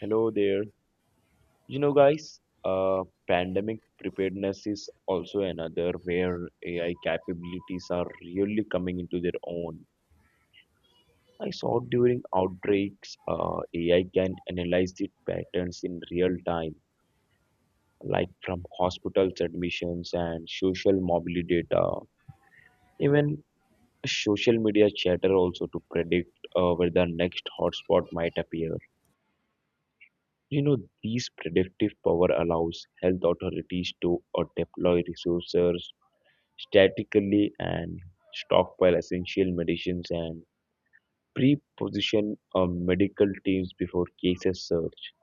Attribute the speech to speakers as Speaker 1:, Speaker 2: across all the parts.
Speaker 1: Hello there. You know, guys, uh, pandemic preparedness is also another where AI capabilities are really coming into their own. I saw during outbreaks, AI can analyze the patterns in real time, like from hospitals admissions and social mobility data, even social media chatter also to predict where the next hotspot might appear. You know, this predictive power allows health authorities to deploy resources statically and stockpile essential medicines and pre-position medical teams before cases surge.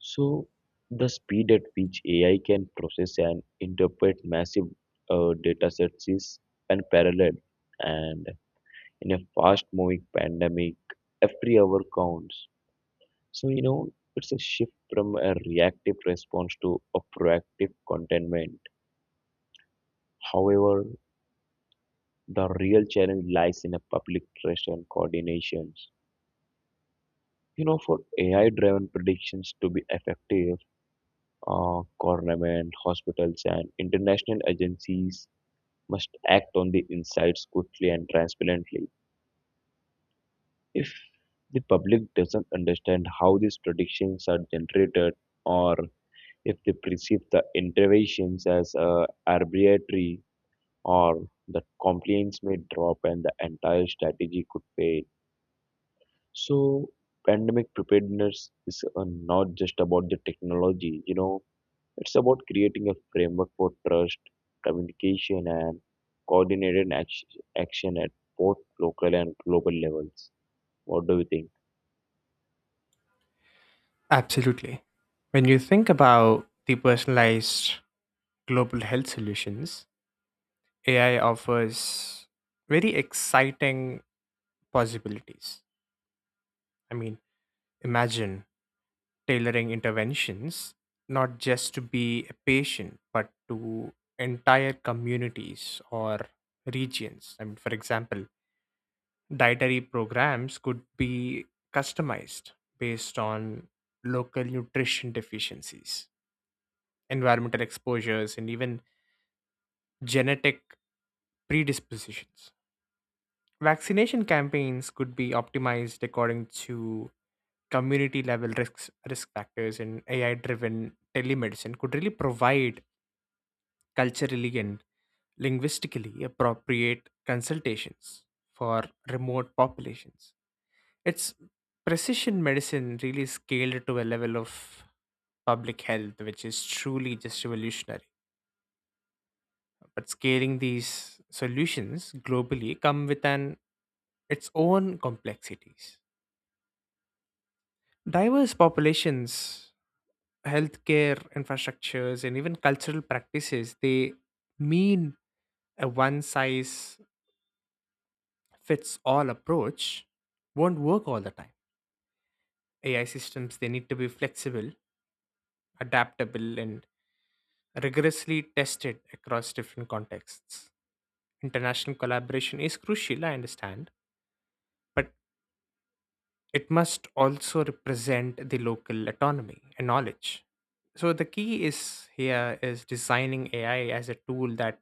Speaker 1: So, the speed at which AI can process and interpret massive data sets is unparalleled. And in a fast-moving pandemic, every hour counts. So, it's a shift from a reactive response to a proactive containment. However, the real challenge lies in a public trust and coordinations. You know, for AI driven predictions to be effective, government, hospitals, and international agencies must act on the insights quickly and transparently. If the public doesn't understand how these predictions are generated, or if they perceive the interventions as arbitrary or the compliance may drop and the entire strategy could fail. So pandemic preparedness is not just about the technology. It's about creating a framework for trust, communication and coordinated action at both local and global levels. What do you think?
Speaker 2: Absolutely. When you think about the personalized global health solutions, AI offers very exciting possibilities. I mean, imagine tailoring interventions not just to be a patient, but to entire communities or regions. I mean, for example, dietary programs could be customized based on local nutrition deficiencies, environmental exposures, and even genetic predispositions. Vaccination campaigns could be optimized according to community level risk factors, and AI driven telemedicine could really provide culturally and linguistically appropriate consultations for remote populations. It's precision medicine really scaled to a level of public health, which is truly just revolutionary. But scaling these solutions globally come with an its own complexities. Diverse populations, healthcare infrastructures, and even cultural practices, they mean a one size fits all approach won't work all the time. AI systems they need to be flexible, adaptable, and rigorously tested across different contexts. International collaboration is crucial, I understand, but it must also represent the local autonomy and knowledge. So the key is here is designing AI as a tool that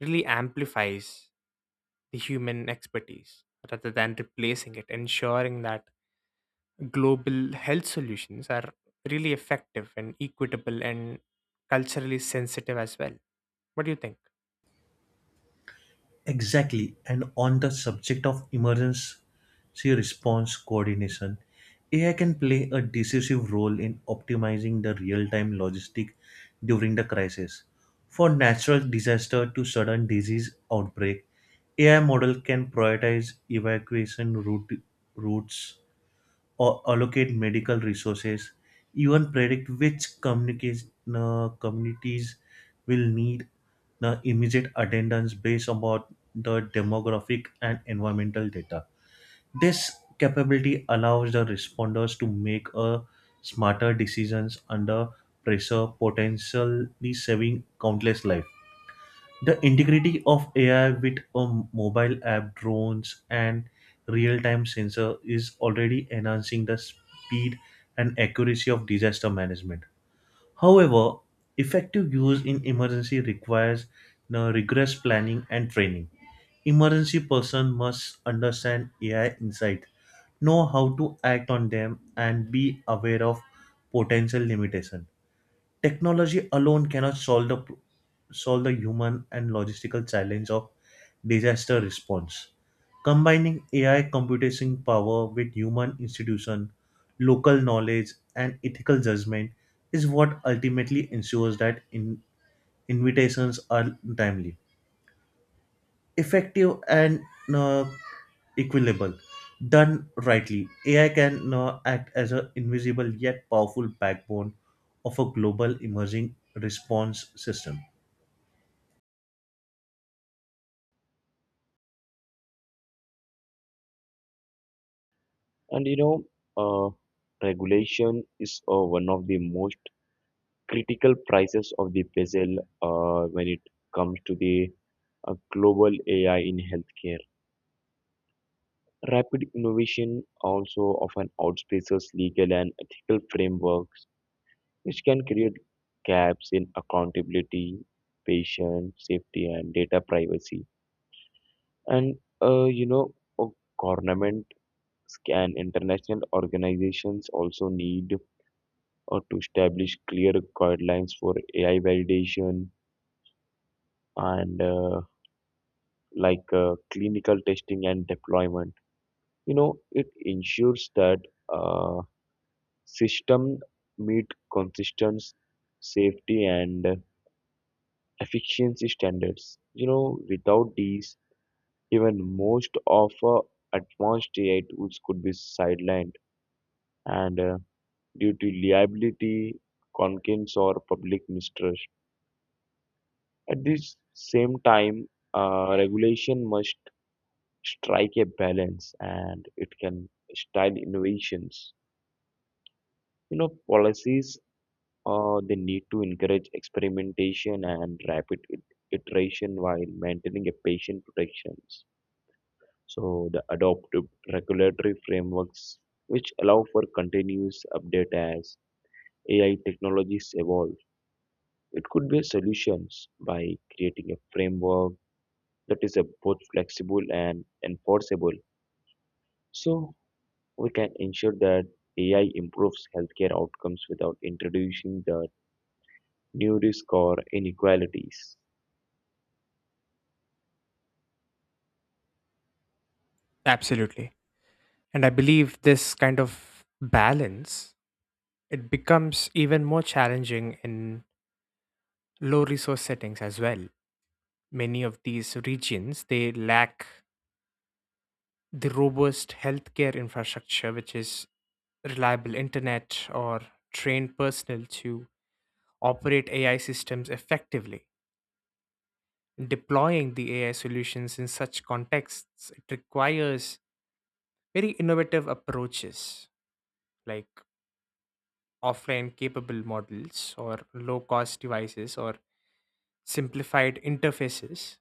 Speaker 2: really amplifies the human expertise rather than replacing it, ensuring that global health solutions are really effective and equitable and culturally sensitive as well. What do you think?
Speaker 3: Exactly. And on the subject of emergency response coordination, AI can play a decisive role in optimizing the real time logistic during the crisis. For natural disaster to sudden disease outbreak, AI model can prioritize evacuation route, routes or allocate medical resources, even predict which communities will need the immediate attendance based about the demographic and environmental data. This capability allows the responders to make a smarter decisions under pressure, potentially saving countless lives. The integrity of AI with a mobile app, drones, and real-time sensor is already enhancing the speed and accuracy of disaster management. However, effective use in emergency requires the rigorous planning and training. Emergency person must understand AI insight, know how to act on them, and be aware of potential limitation. Technology alone cannot solve the human and logistical challenge of disaster response. Combining AI computation power with human institution, local knowledge, and ethical judgment is what ultimately ensures that invitations are timely effective and uh, equitable. Done rightly, AI can act as an invisible yet powerful backbone of a global emerging response system.
Speaker 1: And you know, uh, Regulation is one of the most critical prices of the bezel when it comes to the global AI in healthcare. Rapid innovation also often outpaces legal and ethical frameworks, which can create gaps in accountability, patient safety, and data privacy. And uh, you know, uh, Government and international organizations also need to establish clear guidelines for AI validation and clinical testing and deployment. It ensures that uh, system meet consistent safety and efficiency standards. You know, without these, even most of advanced AI tools could be sidelined and due to liability, concurrence, or public mistrust. At this same time, regulation must strike a balance and it can style innovations. You know, policies they need to encourage experimentation and rapid iteration while maintaining a patient protections. So the adoptive regulatory frameworks which allow for continuous update as AI technologies evolve. It could be solutions by creating a framework that is both flexible and enforceable. So we can ensure that AI improves healthcare outcomes without introducing the new risk or inequalities.
Speaker 2: Absolutely. And I believe this kind of balance it becomes even more challenging in low resource settings as well. Many of these regions they lack the robust healthcare infrastructure, which is reliable internet or trained personnel to operate AI systems effectively. Deploying the AI solutions in such contexts it requires very innovative approaches like offline capable models or low cost devices or simplified interfaces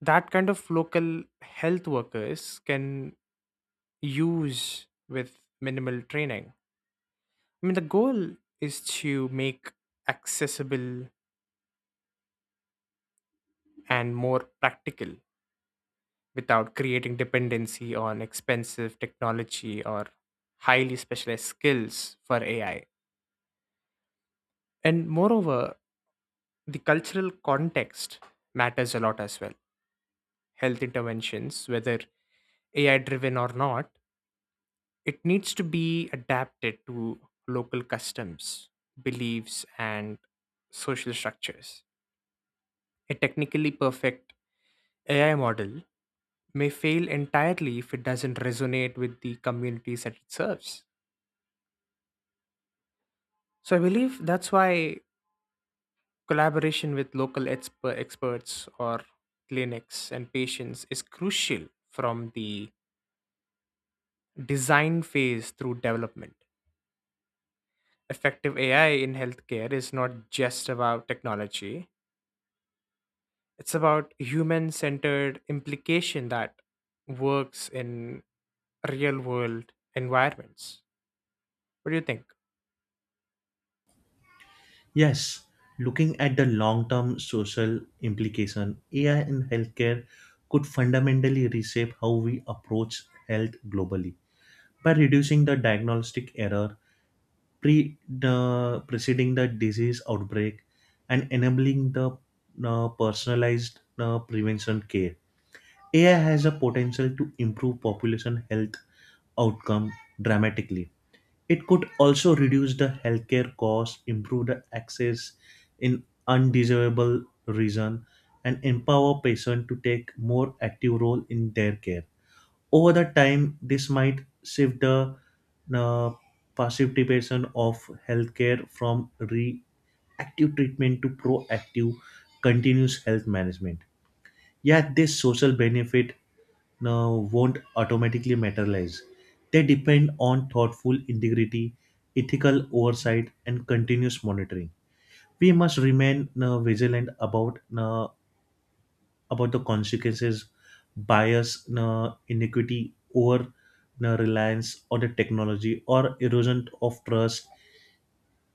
Speaker 2: that kind of local health workers can use with minimal training. I mean, the goal is to make accessible and more practical without creating dependency on expensive technology or highly specialized skills for AI. And moreover, the cultural context matters a lot as well. Health interventions, whether AI driven or not, it needs to be adapted to local customs, beliefs, and social structures. A technically perfect AI model may fail entirely if it doesn't resonate with the communities that it serves. So I believe that's why collaboration with local experts or clinics and patients is crucial from the design phase through development. Effective AI in healthcare is not just about technology, it's about human centered implication that works in real world environments. What do you think?
Speaker 3: Yes, looking at the long-term social implication, AI in healthcare could fundamentally reshape how we approach health globally by reducing the diagnostic error pre the preceding the disease outbreak and enabling the personalized prevention care. AI has a potential to improve population health outcome dramatically. It could also reduce the healthcare costs, improve the access in undesirable region, and empower patients to take more active role in their care. Over the time, this might shift the uh, participation of healthcare from reactive treatment to proactive, continuous health management. Yet, this social benefit won't automatically materialize. They depend on thoughtful integrity, ethical oversight, and continuous monitoring. We must remain vigilant about the consequences, bias, inequity, over reliance on the technology, or erosion of trust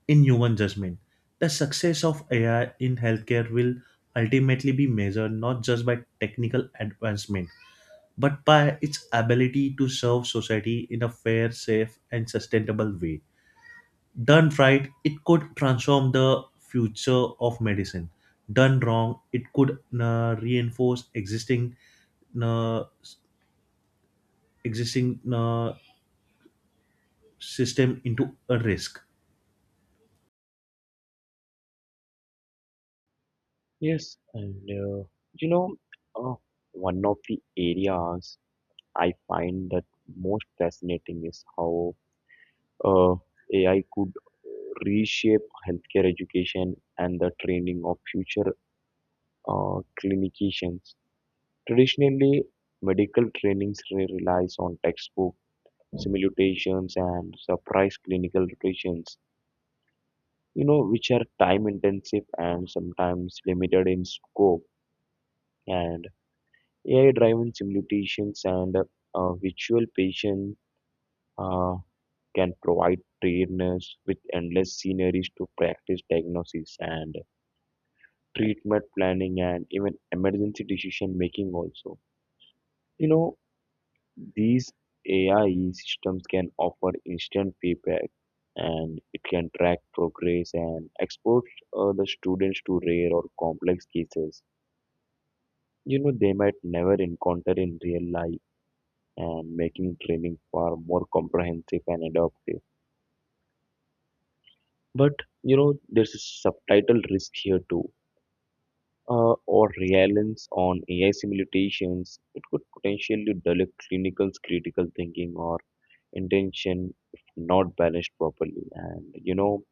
Speaker 3: in human judgment. The success of AI in healthcare will ultimately be measured not just by technical advancement, but by its ability to serve society in a fair, safe, and sustainable way. Done right, it could transform the future of medicine. Done wrong, it could reinforce uh, existing system into a risk.
Speaker 1: Yes, and you know, uh, one of the areas I find that most fascinating is how uh, AI could reshape healthcare education and the training of future clinicians. Traditionally, medical trainings relies on textbook simulations and surprise clinical rotations, which are time intensive and sometimes limited in scope. And AI driven simulations and virtual patient uh, can provide trainers with endless scenarios to practice diagnosis and treatment planning and even emergency decision making also. You know, These AI systems can offer instant feedback and it can track progress and expose the students to rare or complex cases, they might never encounter in real life, and making training far more comprehensive and adaptive. But there's a subtitle risk here too. Or reliance on AI simulations, it could potentially dull clinical's critical thinking or intention if not balanced properly. And,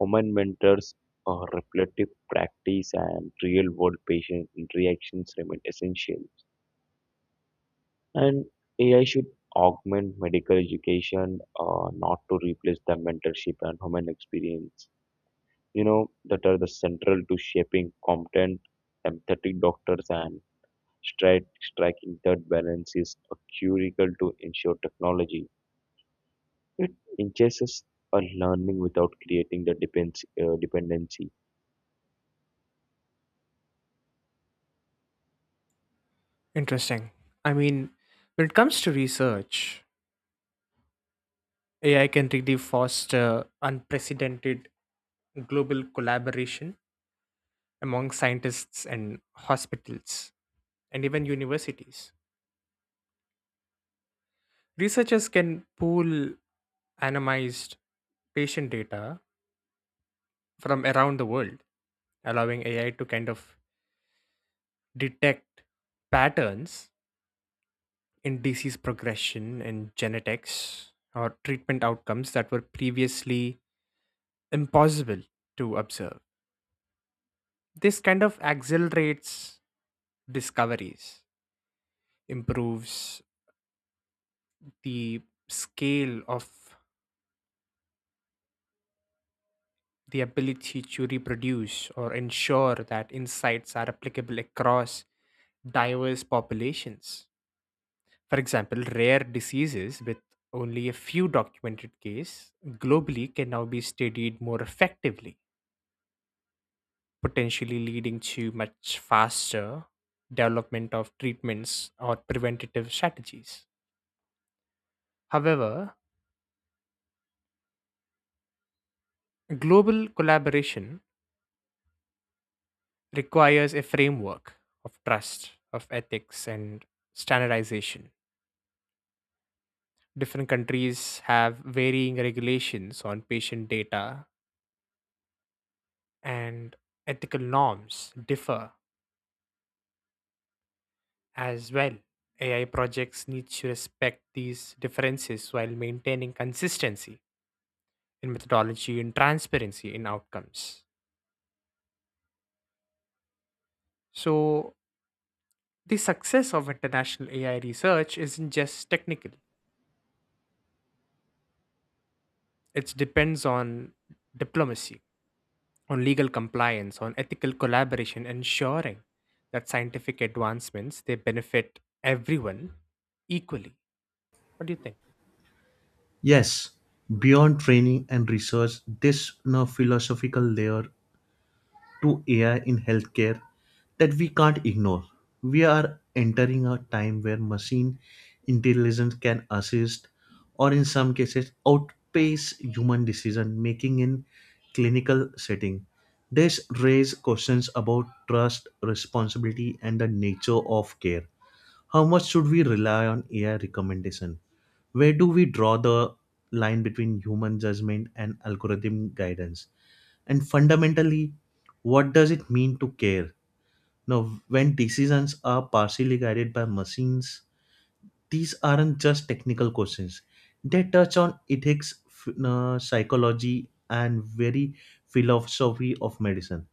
Speaker 1: human mentors, reflective practice and real world patient interactions remain essential, and AI should augment medical education, not to replace the mentorship and human experience that are the central to shaping competent empathetic doctors. And striking that balance is critical to ensure technology it engages a learning without creating the dependency.
Speaker 2: Interesting. I mean, when it comes to research, AI can really foster unprecedented global collaboration among scientists and hospitals and even universities. Researchers can pool anonymized patient data from around the world, allowing AI to kind of detect patterns in disease progression and genetics or treatment outcomes that were previously impossible to observe. This kind of accelerates discoveries, improves the scale of the ability to reproduce or ensure that insights are applicable across diverse populations. For example, rare diseases with only a few documented cases globally can now be studied more effectively, potentially leading to much faster development of treatments or preventative strategies. However, global collaboration requires a framework of trust, of ethics, and standardization. Different countries have varying regulations on patient data, and ethical norms differ as well. AI projects need to respect these differences while maintaining consistency in methodology, in transparency, in outcomes. So, the success of international AI research isn't just technical, it depends on diplomacy, on legal compliance, on ethical collaboration, ensuring that scientific advancements they benefit everyone equally. What do you think?
Speaker 3: Yes, beyond training and research, this philosophical layer to AI in healthcare that we can't ignore. We are entering a time where machine intelligence can assist or in some cases outpace human decision making in clinical setting. This raises questions about trust, responsibility and the nature of care. How much should we rely on AI recommendation? Where do we draw the line between human judgment and algorithm guidance? And fundamentally, what does it mean to care now when decisions are partially guided by machines? These aren't just technical questions, they touch on psychology and very philosophy of medicine.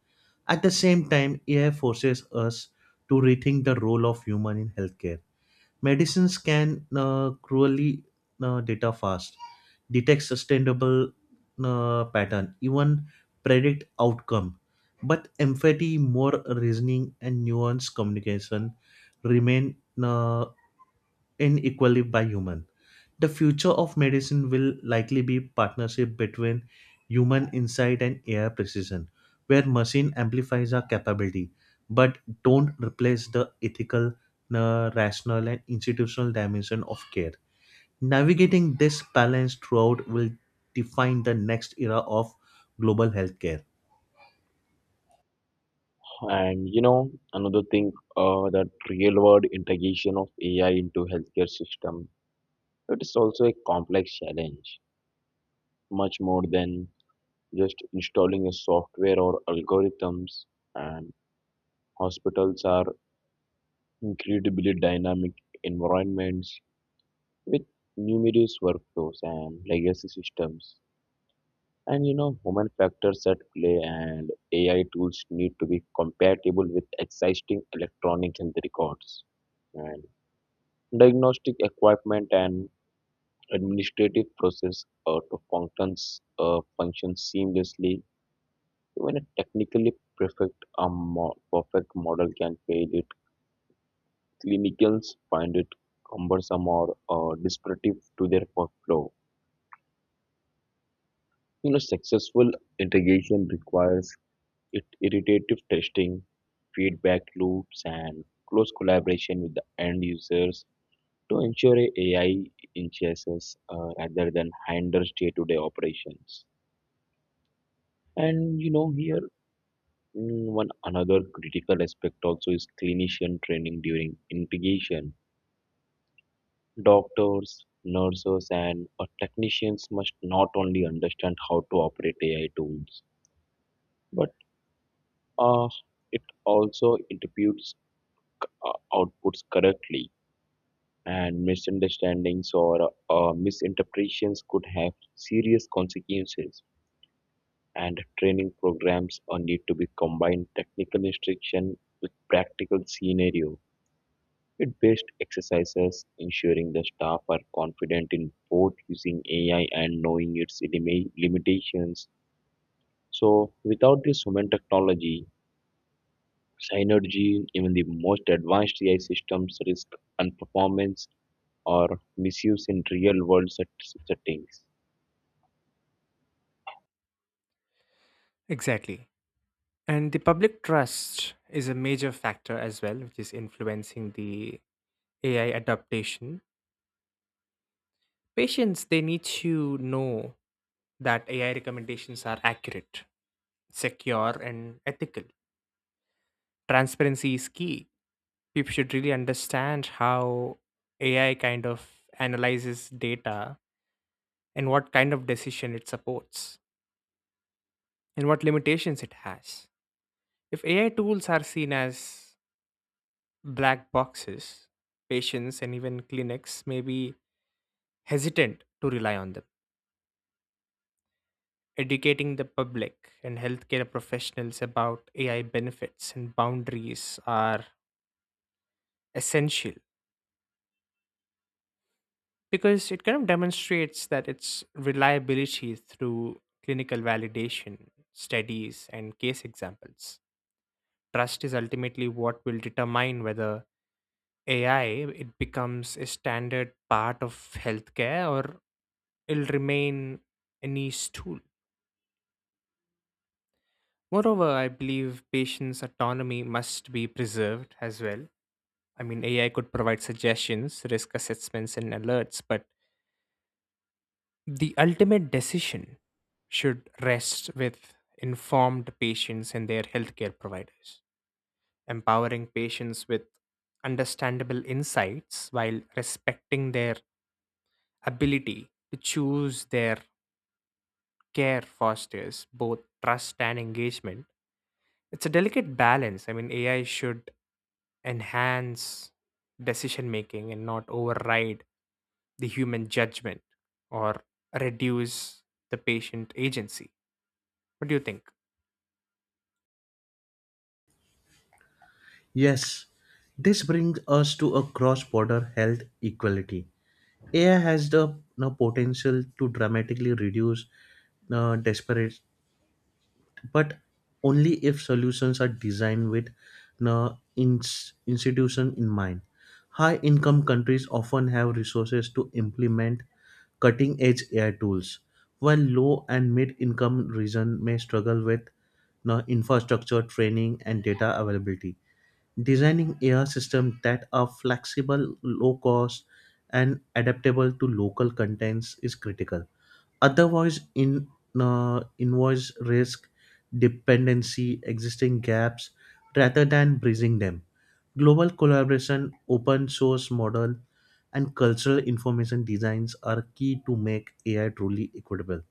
Speaker 3: At the same time, AI forces us to rethink the role of human in healthcare. Medicines can cruelly data fast, detect sustainable pattern, even predict outcome. But empathy, more reasoning, and nuanced communication remain uh, inequally by human. The future of medicine will likely be partnership between human insight and AI precision, where machine amplifies our capability but don't replace the ethical, rational, and institutional dimension of care. Navigating this balance throughout will define the next era of global healthcare.
Speaker 1: And another thing, that real world integration of AI into healthcare system, it is also a complex challenge, much more than just installing a software or algorithms. And hospitals are incredibly dynamic environments with numerous workflows and legacy systems. And human factors at play and AI tools need to be compatible with existing electronic and records. And diagnostic equipment and administrative process to function seamlessly. Even a technically perfect perfect model can fail it. Clinicians find it cumbersome or disruptive to their workflow. You know, successful integration requires it iterative testing, feedback loops, and close collaboration with the end users to ensure a AI enhances, rather than hinders day-to-day operations. And here one another critical aspect also is clinician training during integration. Doctors, nurses, and technicians must not only understand how to operate AI tools, but uh, it also interprets outputs correctly, and misunderstandings or misinterpretations could have serious consequences. And training programs need to be combined technical instruction with practical scenario with based exercises, ensuring the staff are confident in both using AI and knowing its limitations. So, without this human technology, synergy, even the most advanced AI systems risk unperformance or misuse in real world settings.
Speaker 2: Exactly. And the public trust is a major factor as well, which is influencing the AI adaptation. Patients, they need to know that AI recommendations are accurate, secure, and ethical. Transparency is key. People should really understand how AI kind of analyzes data and what kind of decision it supports and what limitations it has. If AI tools are seen as black boxes, patients and even clinics may be hesitant to rely on them. Educating the public and healthcare professionals about AI benefits and boundaries are essential because it kind of demonstrates that its reliability through clinical validation, studies, and case examples. Trust is ultimately what will determine whether AI it becomes a standard part of healthcare or it'll remain a niche tool. Moreover, I believe patients' autonomy must be preserved as well. I mean, AI could provide suggestions, risk assessments, and alerts, but the ultimate decision should rest with informed patients and their healthcare providers, empowering patients with understandable insights while respecting their ability to choose their care fosters both trust and engagement. It's a delicate balance. I mean, AI should enhance decision making and not override the human judgment or reduce the patient agency. What do you think?
Speaker 3: Yes, this brings us to a cross border health equality. AI has the, you know, potential to dramatically reduce desperate, but only if solutions are designed with uh, institution in mind. High income countries often have resources to implement cutting edge AI tools, while low and mid income regions may struggle with, you know, infrastructure, training, and data availability. Designing AI systems that are flexible, low cost, and adaptable to local contents is critical. Otherwise, in invoice risk, dependency, existing gaps, rather than bridging them. Global collaboration, open source model, and cultural information designs are key to make AI truly equitable.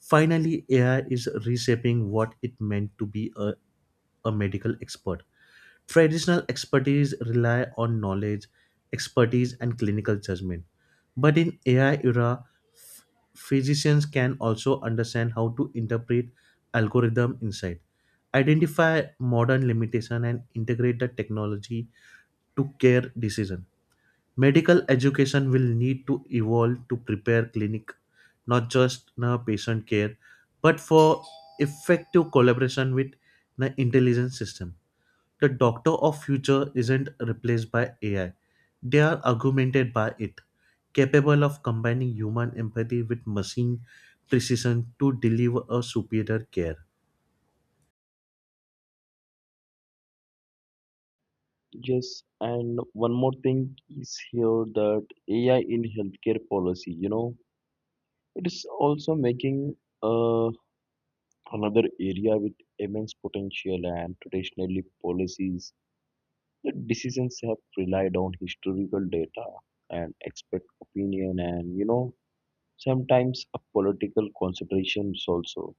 Speaker 3: Finally, AI is reshaping what it meant to be a medical expert. Traditional expertise rely on knowledge, expertise, and clinical judgment. But in AI era, ph- physicians can also understand how to interpret algorithm insight, identify modern limitation, and integrate the technology to care decision. Medical education will need to evolve to prepare clinic, not just na patient care, but for effective collaboration with the intelligence system. The doctor of future isn't replaced by AI. They are augmented by it, capable of combining human empathy with machine precision to deliver a superior care.
Speaker 1: Yes, and one more thing is here that AI in healthcare policy, it is also making uh, another area with immense potential and traditionally policies. The decisions have relied on historical data and expert opinion and, sometimes a political considerations also,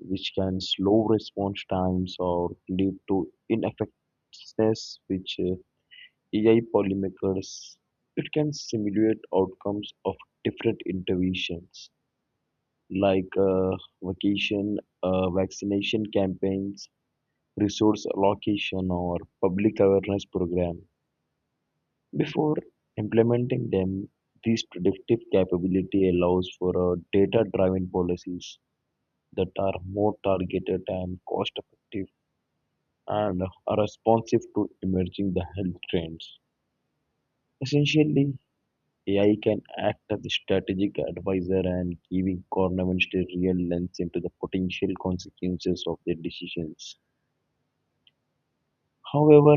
Speaker 1: which can slow response times or lead to ineffectiveness, which AI policymakers it can simulate outcomes of different interventions like vacation vaccination campaigns, resource allocation or public awareness program before implementing them. This predictive capability allows for data driven policies that are more targeted and cost effective and are responsive to emerging the health trends. Essentially, AI can act as a strategic advisor and giving governments a real lens into the potential consequences of their decisions. However,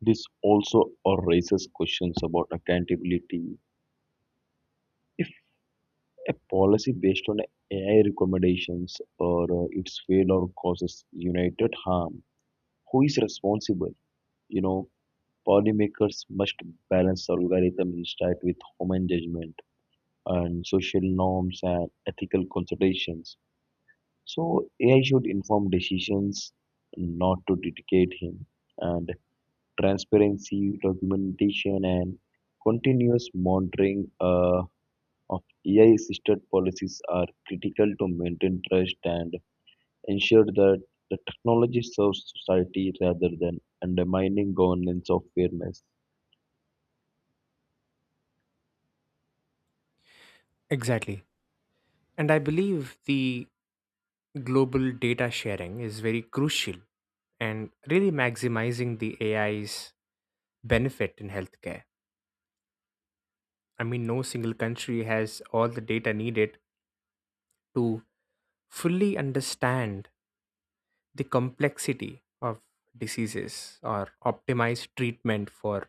Speaker 1: this also raises questions about accountability. If a policy based on AI recommendations or its failure causes united harm, who is responsible? You know, Policymakers must balance algorithms that with human judgment and social norms and ethical considerations. So AI should inform decisions, not to dictate him, and transparency, documentation, and continuous monitoring of AI-assisted policies are critical to maintain trust and ensure that the technology serves society rather than undermining governance of fairness.
Speaker 2: Exactly. And I believe the global data sharing is very crucial and really maximizing the AI's benefit in healthcare. I mean, no single country has all the data needed to fully understand the complexity of diseases or optimize treatment for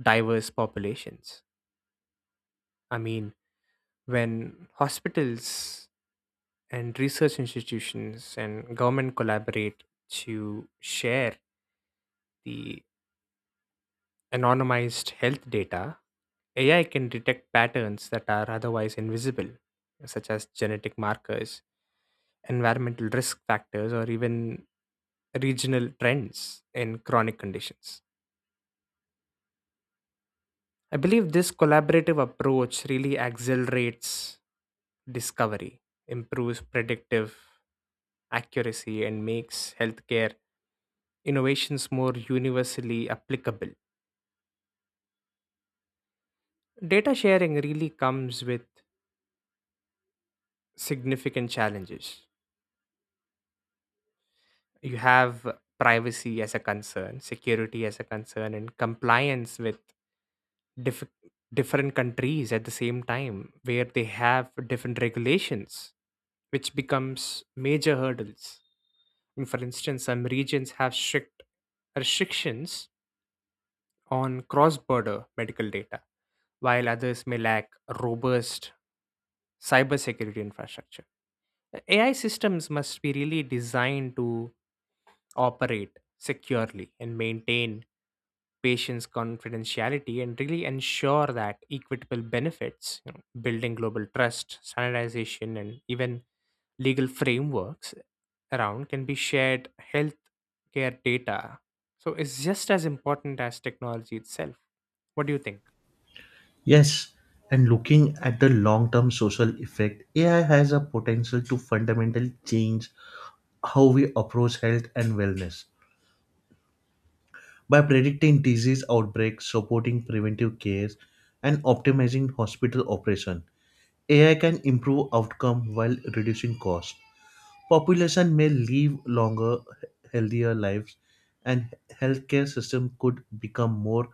Speaker 2: diverse populations. I mean, when hospitals and research institutions and government collaborate to share the anonymized health data, AI can detect patterns that are otherwise invisible, such as genetic markers, environmental risk factors, or even regional trends in chronic conditions. I believe this collaborative approach really accelerates discovery, improves predictive accuracy, and makes healthcare innovations more universally applicable. Data sharing really comes with significant challenges. You have privacy as a concern, security as a concern, and compliance with diff- different countries at the same time, where they have different regulations, which becomes major hurdles. And for instance, some regions have strict restrictions on cross-border medical data, while others may lack robust cybersecurity infrastructure. AI systems must be really designed to operate securely and maintain patients' confidentiality and really ensure that equitable benefits, you know, building global trust, standardization, and even legal frameworks around can be shared healthcare data. So it's just as important as technology itself. What do you think?
Speaker 3: Yes, and looking at the long term social effect, AI has a potential to fundamentally change how we approach health and wellness by predicting disease outbreaks, supporting preventive care, and optimizing hospital operation. AI can improve outcome while reducing cost. Population may live longer, healthier lives, and healthcare system could become more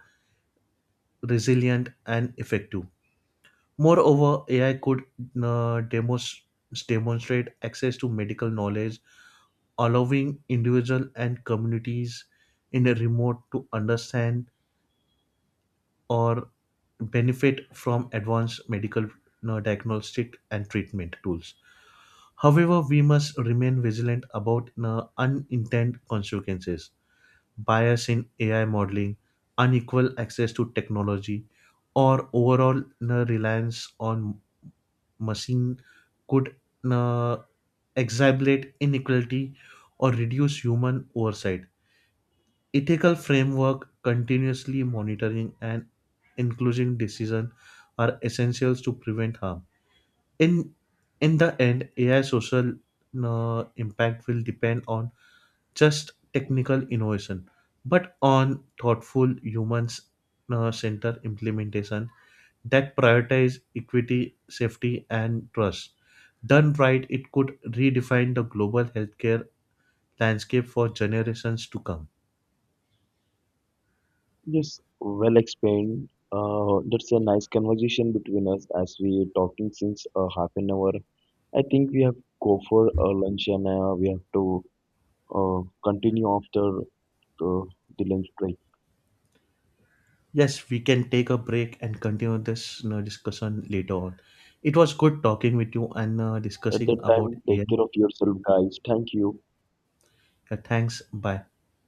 Speaker 3: resilient and effective. Moreover, AI could uh, demos- demonstrate access to medical knowledge, allowing individual and communities in the remote to understand or benefit from advanced medical, you know, diagnostic and treatment tools. However, we must remain vigilant about, you know, unintended consequences, bias in AI modeling, unequal access to technology, or overall, you know, reliance on machine could, you know, exacerbate inequality or reduce human oversight. Ethical framework continuously monitoring and inclusive decision are essentials to prevent harm in in the end. AI social impact will depend on just technical innovation but on thoughtful humans centered implementation that prioritize equity, safety, and trust. Done right, it could redefine the global healthcare landscape for generations to come.
Speaker 1: Yes, well explained. That's a nice conversation between us as we talking since half an hour. I think we have go for lunch and we have to continue after uh, the lunch break.
Speaker 3: Yes, we can take a break and continue this, you know, discussion later on. It was good talking with you and
Speaker 1: At
Speaker 3: discussing
Speaker 1: that
Speaker 3: about
Speaker 1: time, take
Speaker 3: AI.
Speaker 1: care of yourself, guys. Thank you.
Speaker 3: Thanks. Bye.